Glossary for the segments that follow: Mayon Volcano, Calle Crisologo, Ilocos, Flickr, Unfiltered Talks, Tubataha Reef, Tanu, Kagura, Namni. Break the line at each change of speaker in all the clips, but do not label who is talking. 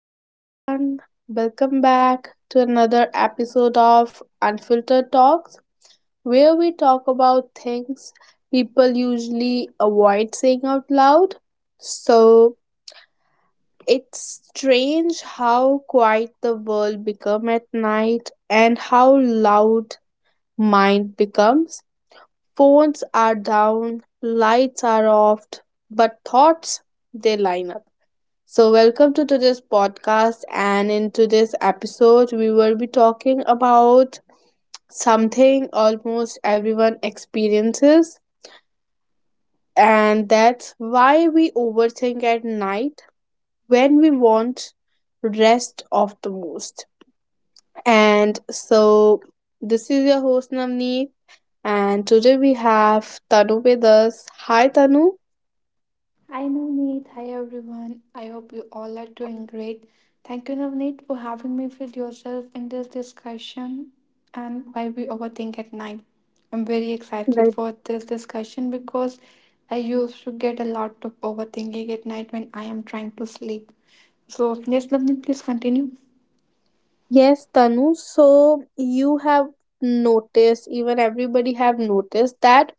everyone. Welcome back to another episode of Unfiltered Talks, where we talk about things people usually avoid saying out loud. So, it's strange how quiet the world become at night and how loud mind becomes. Phones are down, lights are off, but thoughts they line up. So, welcome to today's podcast. And in today's episode, we will be talking about something almost everyone experiences, and that's why we overthink at night when we want rest of the most. And so, this is your host Namni, and today we have Tanu with us. Hi, Tanu.
Hi Navneet, hi everyone. I hope you all are doing great. Thank you, Navneet, for having me with yourself in this discussion and why we overthink at night. I'm very excited for this discussion because I used to get a lot of overthinking at night when I am trying to sleep. So, yes, Navneet, please continue.
Yes, Tanu. So you have noticed, even everybody have noticed that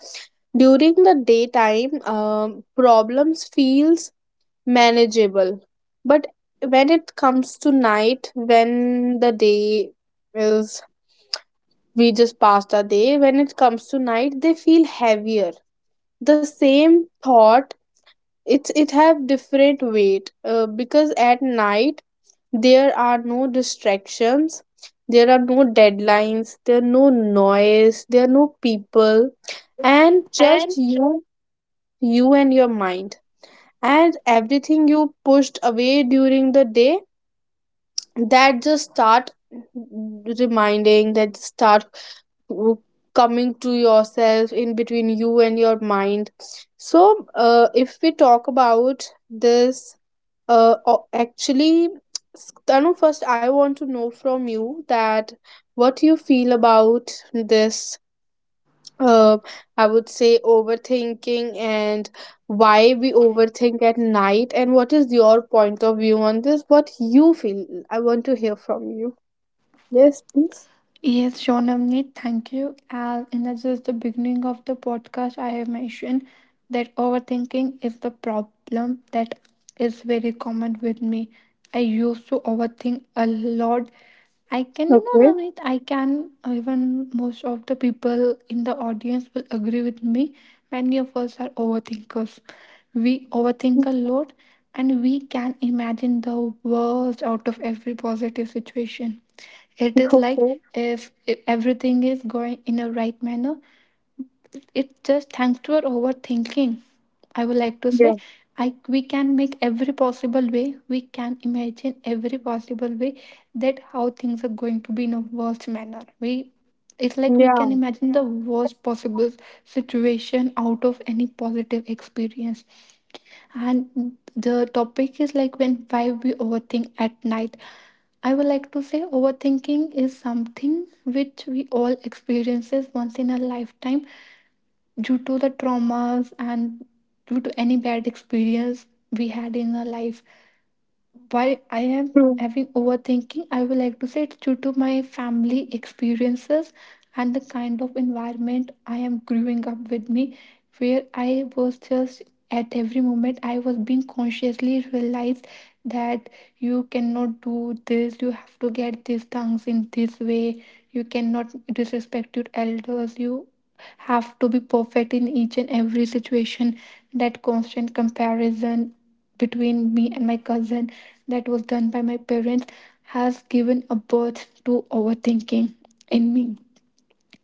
during the daytime, problems feels manageable, but when it comes to night, when the day is we just passed a day, when it comes to night, they feel heavier. The same thought, it have different weight, because at night there are no distractions. There are no deadlines. There are no noise. There are no people. And just you, and your mind. And everything you pushed away during the day, that just start reminding, that start coming to yourself in between you and your mind. So, if we talk about this, actually, Tanu, first I want to know from you that what you feel about this. Uh, I would say overthinking and why we overthink at night, and what is your point of view on this? What you feel? I want to hear from you. Yes, please.
Yes, Shonamni, thank you. As in the just the beginning of the podcast, I have mentioned that overthinking is the problem that is very common with me. I used to overthink a lot. I can, you know,
Okay.
Navneet, I can, even most of the people in the audience will agree with me. Many of us are overthinkers. We overthink a lot and we can imagine the worst out of every positive situation. It is like
Okay.
if everything is going in a right manner, it's just thanks to our overthinking. I would like to say,
Yeah.
I we can make every possible way. We can imagine every possible way that how things are going to be in a worst manner. We it's like we can
Yeah.
imagine the worst possible situation out of any positive experience, and the topic is like when why we overthink at night. I would like to say overthinking is something which we all experiences once in a lifetime due to the traumas and due to any bad experience we had in our life. While I am
True.
having overthinking, I would like to say it's due to my family experiences and the kind of environment I am growing up with me, where I was just at every moment I was being consciously realized that you cannot do this, you have to get these things in this way, you cannot disrespect your elders, you have to be perfect in each and every situation. That constant comparison between me and my cousin that was done by my parents has given a birth to overthinking in me.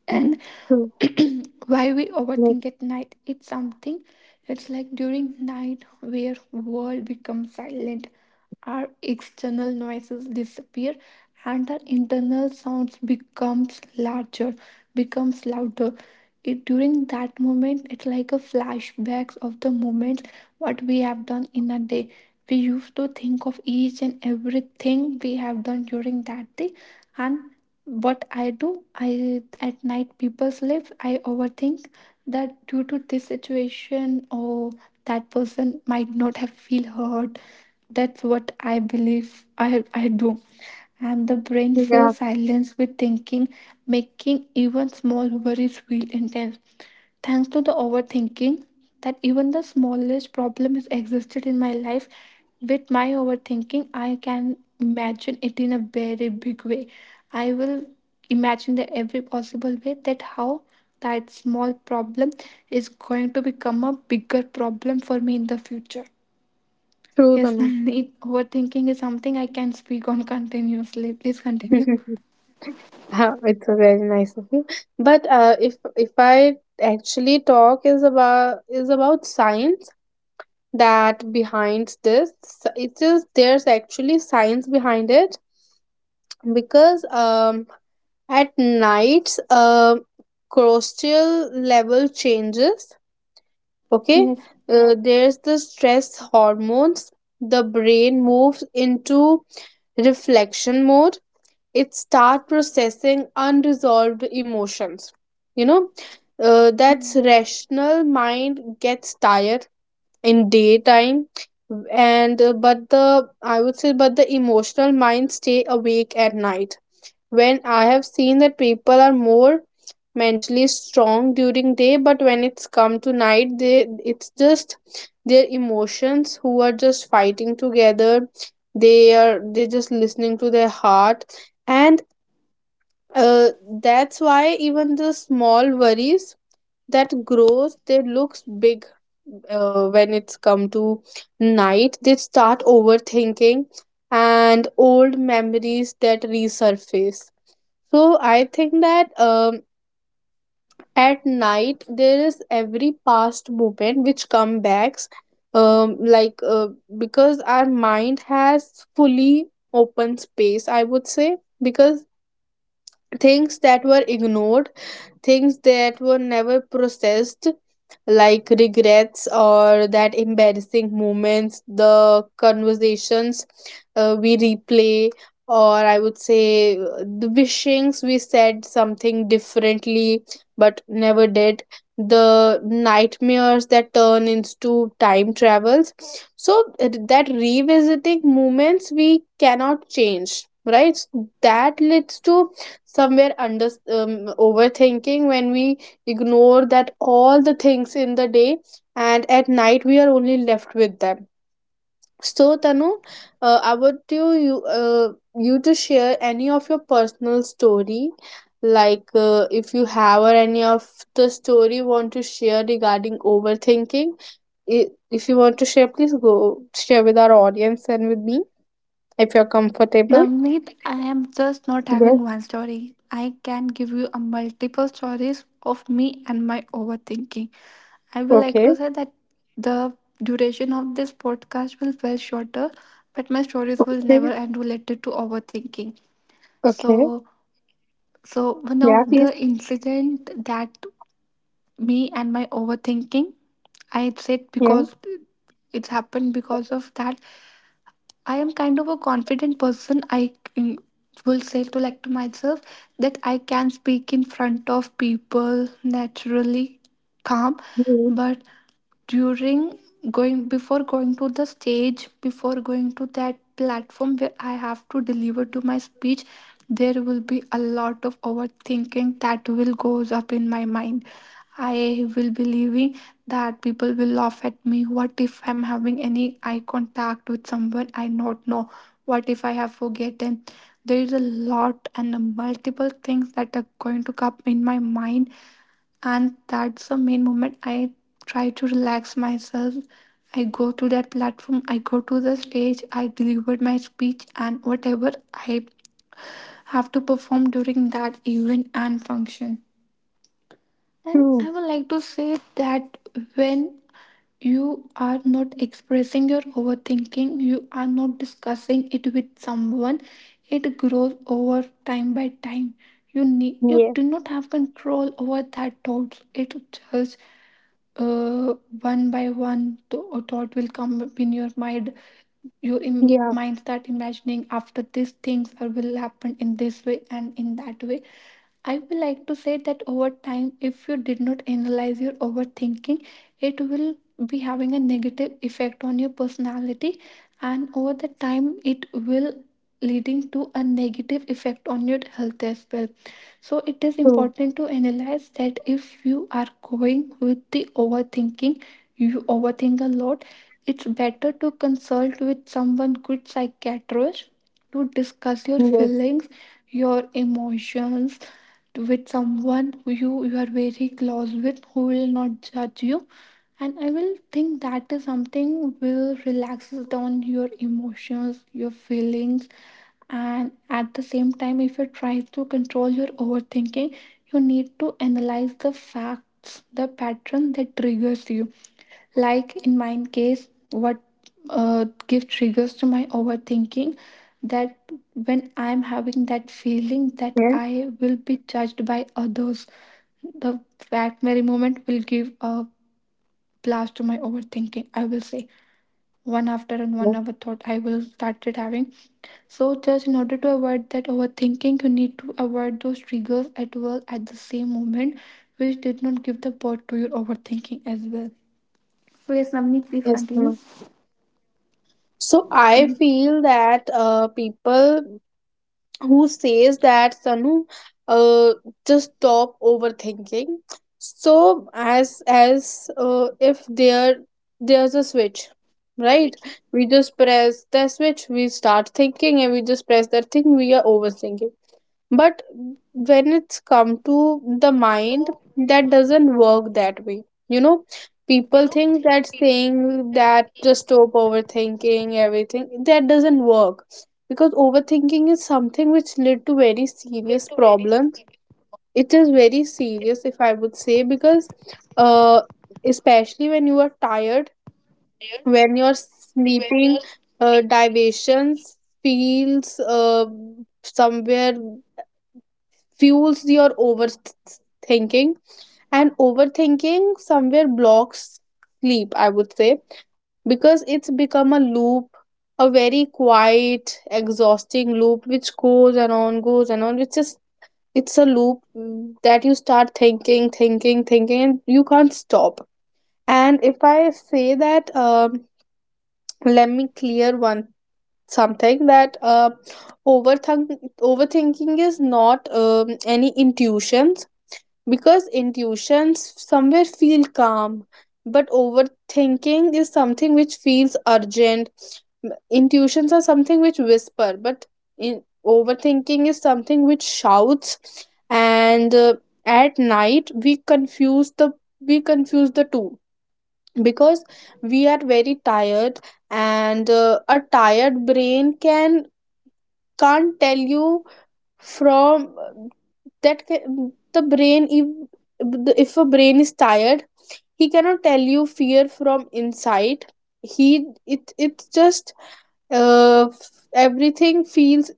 And
True.
why we
Yes.
overthink at night? It's something. It's like during night where world becomes silent, our external noises disappear and our internal sounds becomes larger, becomes louder. It during that moment it's like a flashbacks of the moment what we have done in a day. We used to think of each and everything we have done during that day, and what I do I at night people sleep I overthink that due to this situation or that person might not have feel hurt. That's what I believe I do, and the brain fills
Yeah.
silence with thinking, making even small worries feel intense. Thanks to the overthinking, that even the smallest problem is existed in my life, with my overthinking I can imagine it in a very big way. I will imagine that every possible way that how that small problem is going to become a bigger problem for me in the future.
True,
Yes,
Tanu.
Nandini, overthinking is something I can speak on continuously. Please continue.
It's a very nice of you. But if I actually talk is about science that behind this, it is there's actually science behind it, because at nights crustal level changes. Okay,
Yes.
there's the stress hormones. The brain moves into reflection mode, it start processing unresolved emotions. you know
Hmm.
that's rational mind gets tired in daytime, and but the I would say but the emotional mind stay awake at night. When I have seen that people are more mentally strong during day, but when it's come to night, they it's just their emotions who are just fighting together. They just listening to their heart. And uh, that's why even the small worries that grows they looks big, when it's come to night they start overthinking, and old memories that resurface. So I think that, at night there is every past moment which come backs, like, because our mind has fully open space, I would say, because things that were ignored, things that were never processed, like regrets or that embarrassing moments, the conversations we replay, or I would say the wishings we said something differently but never did, the nightmares that turn into time travels. So, that revisiting moments we cannot change, right, that leads to somewhere under, overthinking, when we ignore that all the things in the day and at night we are only left with them. So, Tanu, I would you you you to share any of your personal story, like, if you have, or any of the story you want to share regarding overthinking, if you want to share, please go share with our audience and with me, if you're comfortable.
Navneet, I am just not having
Yes.
one story. I can give you a multiple stories of me and my overthinking. I will like
Okay.
to say that the duration of this podcast will well shorter, but my stories will never
Okay.
end related to overthinking.
Okay.
So so one
Yeah.
of
Please.
the incident that me and my overthinking, I had said
Yes,
because it's happened because of that. I am kind of a confident person. I will say to like to myself that I can speak in front of people naturally, calm.
yes,
But during going before going to the stage before going to that platform where I have to deliver to my speech, there will be a lot of overthinking that will goes up in my mind. I will be believing that people will laugh at me, what if I'm having any eye contact with someone I not know, what if I have forgotten. There is a lot and multiple things that are going to come in my mind, and that's the main moment I try to relax myself. I go to that platform, I go to the stage, I delivered my speech and whatever I have to perform during that event and function. And
true.
I would like to say that when you are not expressing your overthinking, you are not discussing it with someone, it grows over time by time. You need you
Yes,
do not have control over that thoughts. It just uh, one by one a thought will come up in your mind, your
yeah,
mind start imagining after these things or will happen in this way and in that way. I would like to say that over time, if you did not analyze your overthinking, it will be having a negative effect on your personality, and over the time, it will leading to a negative effect on your health as well. So it is
true.
important to analyze that if you are going with the overthinking, you overthink a lot. It's better to consult with someone good psychiatrist to discuss your
Yes,
feelings, your emotions with someone who you are very close with who will not judge you, and I will think that is something will relaxes down your emotions, your feelings. And at the same time, if you try to control your overthinking, you need to analyze the facts, the pattern that triggers you, like in my case, what give triggers to my overthinking, that when I'm having that feeling that
yes,
I will be judged by others, the that very moment will give a blast to my overthinking. I will say one after and one
yes,
other thought I will started having. So just in order to avoid that overthinking, you need to avoid those triggers at well at the same moment, which did not give the birth to your overthinking as well. So yes, Namni, please
yes,
continue.
true. So I feel that, people who says that, Sanu, uh, just stop overthinking. So, as if there's a switch, right? We just press the switch, we start thinking, and we just press that thing, we are overthinking. But when it's come to the mind that doesn't work that way. you know People think that saying that just stop overthinking, everything, that doesn't work, because overthinking is something which led to very serious problems. It is very serious, if I would say, because uh especially when you are tired, when you're sleeping, diversions feels, somewhere fuels your overthinking, and overthinking somewhere blocks sleep, I would say, because it's become a loop, a very quiet exhausting loop which goes and on, goes and on, which is it's a loop, that you start thinking thinking thinking and you can't stop. And if I say that, let me clear one something, that overthink overthinking is not, any intuitions, because intuitions somewhere feel calm, but overthinking is something which feels urgent. Intuitions are something which whisper, but in overthinking is something which shouts. And, at night we confuse the two, because we are very tired. And a tired brain can, can't tell you from the brain, if a brain is tired, he cannot tell you fear from inside. He it It's just, everything feels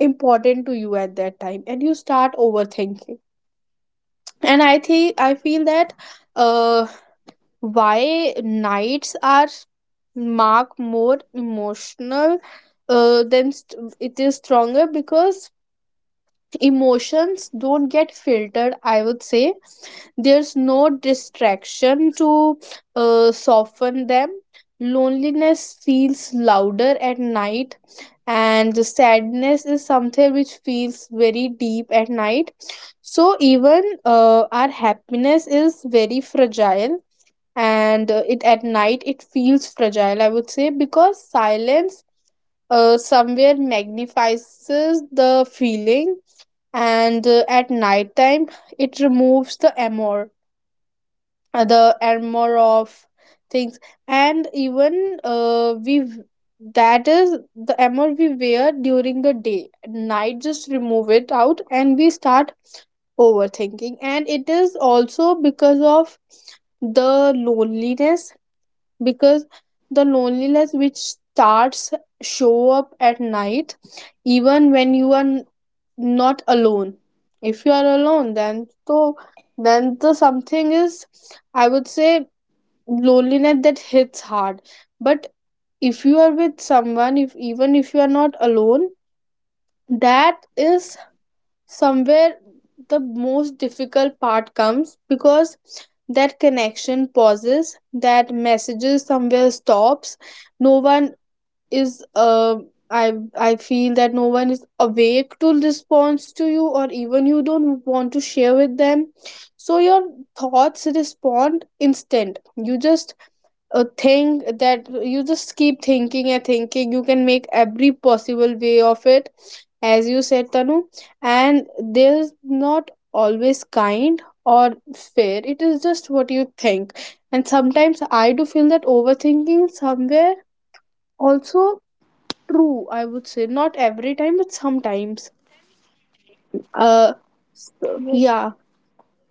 important to you at that time and you start overthinking. And I feel that, uh why nights are mark more emotional, than it is stronger, because emotions don't get filtered, I would say. There's no distraction to, soften them. Loneliness feels louder at night, and the sadness is something which feels very deep at night. So even, our happiness is very fragile, and, it at night it feels fragile, I would say, because silence, somewhere magnifies the feeling. And, at night time it removes the amor, the and more of things, and even that is the armor we wear during the day. At night just remove it out and we start overthinking. And it is also because of the loneliness, because the loneliness which starts show up at night, even when you are, not alone. If you are alone, then so, then the something is, I would say, loneliness that hits hard. But if you are with someone, if even if you are not alone, that is somewhere the most difficult part comes, because that connection pauses, that messages somewhere stops. No one is, I feel that no one is awake to respond to you, or even you don't want to share with them. So your thoughts respond instant. You just A thing that you just keep thinking and thinking, you can make every possible way of it, as you said, Tanu. And there's not always kind or fair, it is just what you think. And sometimes I do feel that overthinking somewhere also true, I would say, not every time but sometimes, uh
Yes.
yeah.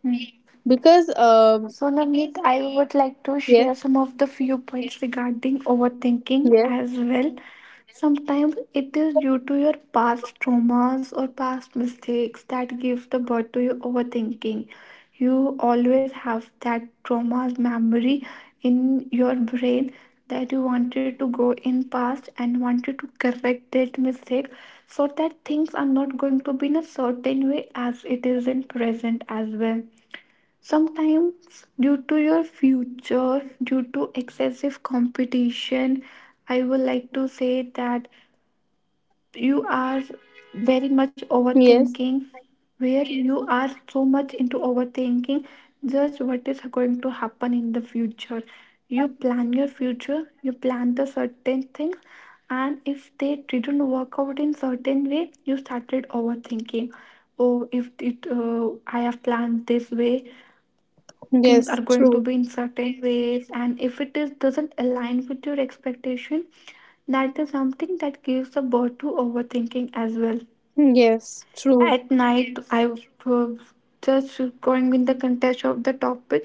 Mm.
Because
So, Navneet, I would like to
yes,
share some of the few points regarding overthinking
yes,
as well. Sometimes it is due to your past traumas or past mistakes that give the birth to your overthinking. You always have that trauma's memory in your brain that you wanted to go in past and wanted to correct that mistake so that things are not going to be in a certain way as it is in present as well. Sometimes, due to your future, due to excessive competition, I would like to say that you are very much
yes,
overthinking, where you are so much into overthinking just what is going to happen in the future. You plan your future, you plan the certain things, and if they didn't work out in certain way, you started overthinking. Oh, if it I have planned this way, things
yes,
are going to
true.
be in certain ways, and if it is doesn't align with your expectation, that is something that gives a birth to overthinking as well.
Yes, true,
At night I was just going in the context of the topic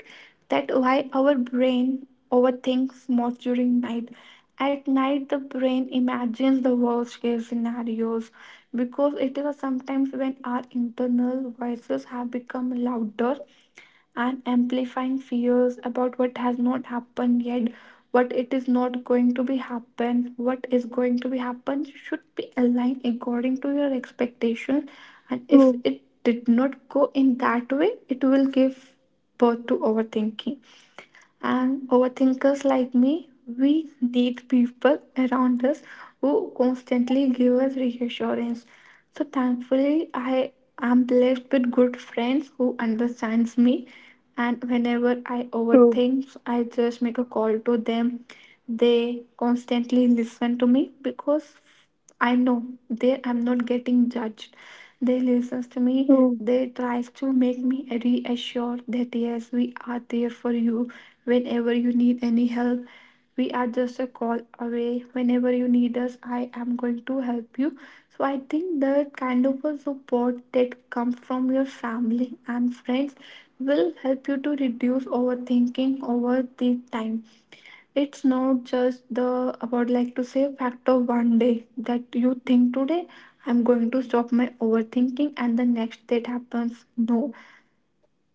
that why our brain overthinks most during night. At night the brain imagines the worst case scenarios, because it is sometimes when our internal voices have become louder and amplifying fears about what has not happened yet, what it is not going to be happen, what is going to be happen should be aligned according to your expectations. And
true,
if it did not go in that way, it will give birth to overthinking. And overthinkers like me, we need people around us who constantly give us reassurance. So thankfully I am blessed with good friends who understands me, and whenever I
true.
overthink, I just make a call to them. They constantly listen to me because I know they I'm not getting judged. They listen to me.
True,
They tries to make me reassure that yes, we are there for you, whenever you need any help we are just a call away. Whenever you need us, I am going to help you. So I think that kind of a support that comes from your family and friends will help you to reduce overthinking over the time. It's not just the about like to say factor one day that you think today I'm going to stop my overthinking and the next that happens. No,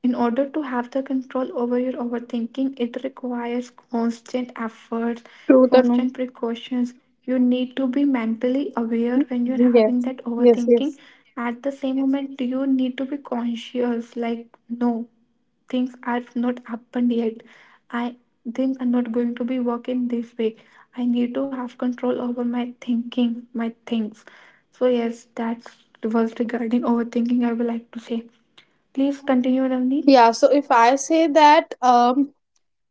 in order to have the control over your overthinking, it requires constant efforts,
true,
constant
Tanu.
precautions. You need to be mentally aware when you're having
Yes,
that
yes,
overthinking.
yes.
At the same moment, you need to be conscious like, no, things are not happened yet. I things are not going to be working this way. I need to have control over my thinking, my things. So yes, that was regarding overthinking. I would like to say. Please continue, Navneet.
Yeah, so if I say that,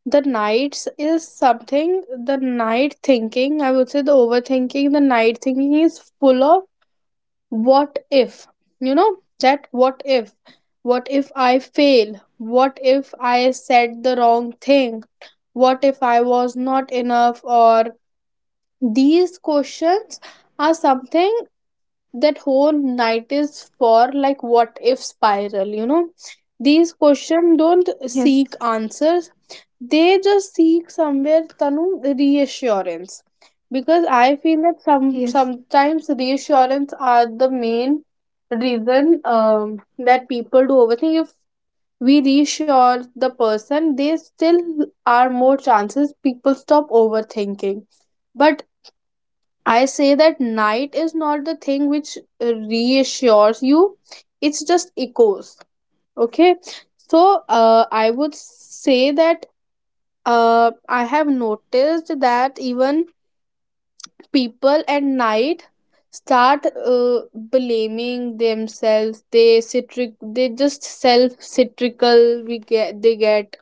the nights is something, the night thinking, I would say the overthinking, the night thinking is full of what if. You know, that what if. What if I fail? What if I said the wrong thing? What if I was not enough? Or these questions are something that whole night is for, like what if spiral. These questions don't
Yes,
seek answers, they just seek somewhere, Tanu, reassurance, because I feel that
yes,
sometimes reassurance are the main reason, that people do overthink. If we reassure the person, they still are more chances people stop overthinking. But I say that night is not the thing which, reassures you, it's just echoes. Okay, so, I would say that, I have noticed that even people at night start, blaming themselves, they citric, they just self citrical we get, they get,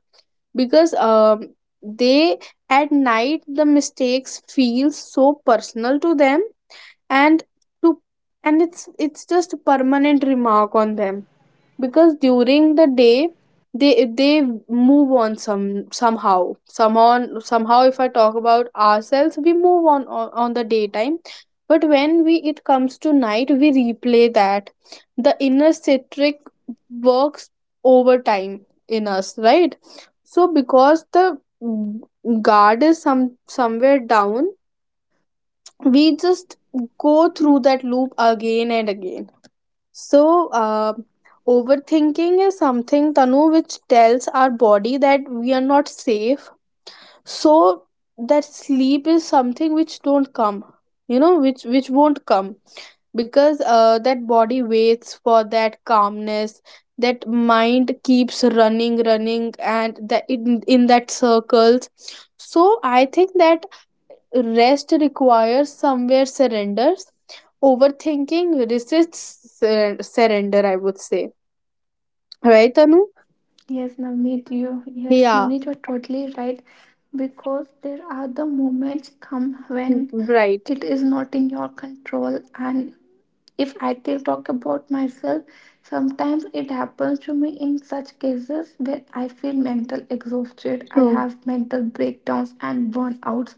because they at night the mistakes feel so personal to them, and, to and it's just a permanent remark on them, because during the day, they move on, somehow, somehow, somehow, if I talk about ourselves, we move on, on the daytime, but when we it comes to night we replay that, the inner citric works overtime in us, right? So, because the, guard is, somewhere down, we just go through that loop again and again. So, overthinking is something, Tanu, which tells our body that we are not safe. So, that sleep is something which don't come, which won't come, because, that body waits for that calmness, that mind keeps running, and that, in that circles. So I think that rest requires somewhere surrenders. Overthinking resists surrender, I would say. Right, Anu?
yes,
Yeah,
Navneet, you're totally right because there are the moments come when
right.
it is not in your control. And if I till talk about myself, sometimes it happens to me in such cases where I feel mental exhausted, I
True.
have mental breakdowns and burnouts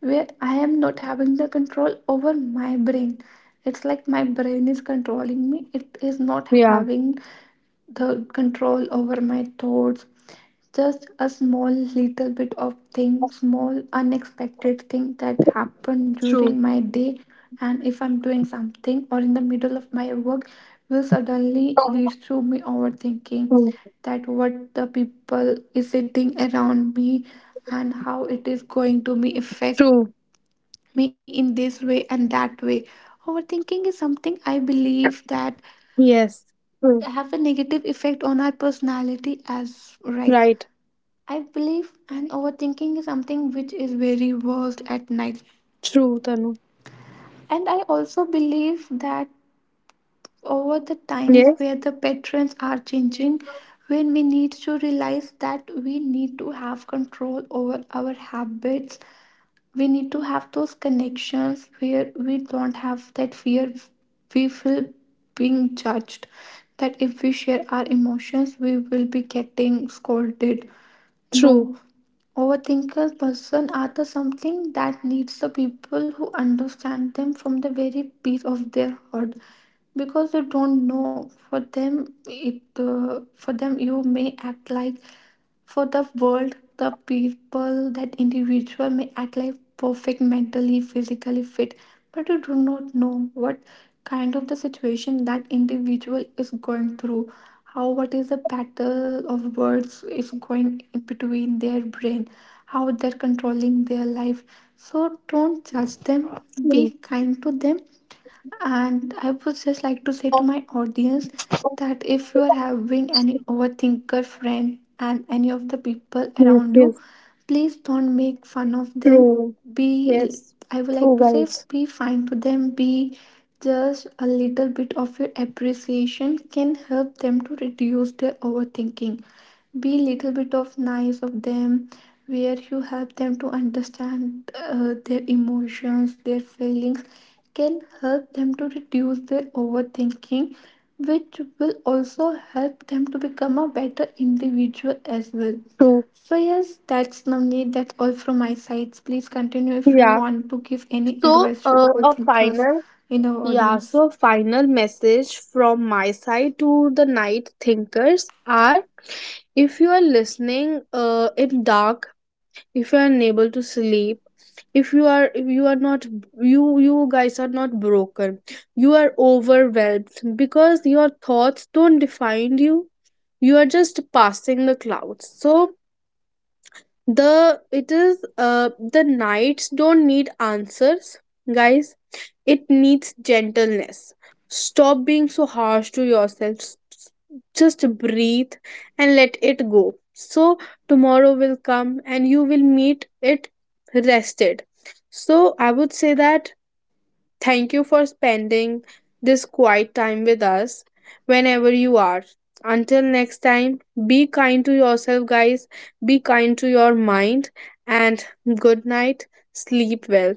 where I am not having the control over my brain. It's like my brain is controlling me. It is not
Yeah,
having the control over my thoughts. Just a small little bit of thing, small unexpected thing that happened during
true.
my day, and if I'm doing something or in the middle of my work, will suddenly lead to me overthinking
True.
that what the people is sitting around me and how it is going to be affect
True.
me in this way and that way. Overthinking is something I believe that
Yes. True.
have a negative effect on our personality as right.
Right.
I believe, and overthinking is something which is very worst at night.
True, Tanu.
And I also believe that over the times
Yes.
where the patterns are changing, when we need to realize that we need to have control over our habits, we need to have those connections where we don't have that fear, we feel being judged, that if we share our emotions we will be getting scolded.
True.
No, overthinker person are the something that needs the people who understand them from the very piece of their heart, because they don't know for them it for them you may act like, for the world the people that individual may act like perfect mentally physically fit, but you do not know what kind of the situation that individual is going through, how what is the battle of words is going in between their brain, how they're controlling their life. So don't judge them, be
True.
kind to them. And I would just like to say to my audience that if you are having any overthinker friend and any of the people
Yes,
around you,
yes.
please don't make fun of them.
True.
Be,
Yes.
I would like
True,
to say,
guys.
be fine to them. Be just a little bit of your appreciation can help them to reduce their overthinking. Be little bit of nice of them, where you help them to understand their emotions, their feelings, can help them to reduce their overthinking, which will also help them to become a better individual as well.
True.
So yes, that's Navneet, that's all from my side. Please continue if you
Yeah.
want to give any
So,
advice to
a
overthinkers
final
in our
yeah, so
audience.
final message from my side to the night thinkers are, if you are listening, in dark, if you are unable to sleep, if you are not you guys are not broken, you are overwhelmed, because your thoughts don't define you. You are just passing the clouds. So the it is the nights don't need answers, guys, it needs gentleness. Stop being so harsh to yourself. Just breathe and let it go. So, tomorrow will come and you will meet it rested. So, I would say that, thank you for spending this quiet time with us, whenever you are. Until next time, be kind to yourself, guys. Be kind to your mind. And good night. Sleep well.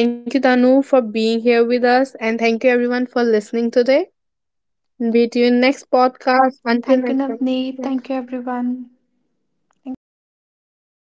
Thank you, Tanu, for being here with us. And thank you, everyone, for listening today. Meet you in next podcast. Until
Thank you,
next time.
Navneet,
Yeah.
thank you everyone. Thank you everyone, bye bye.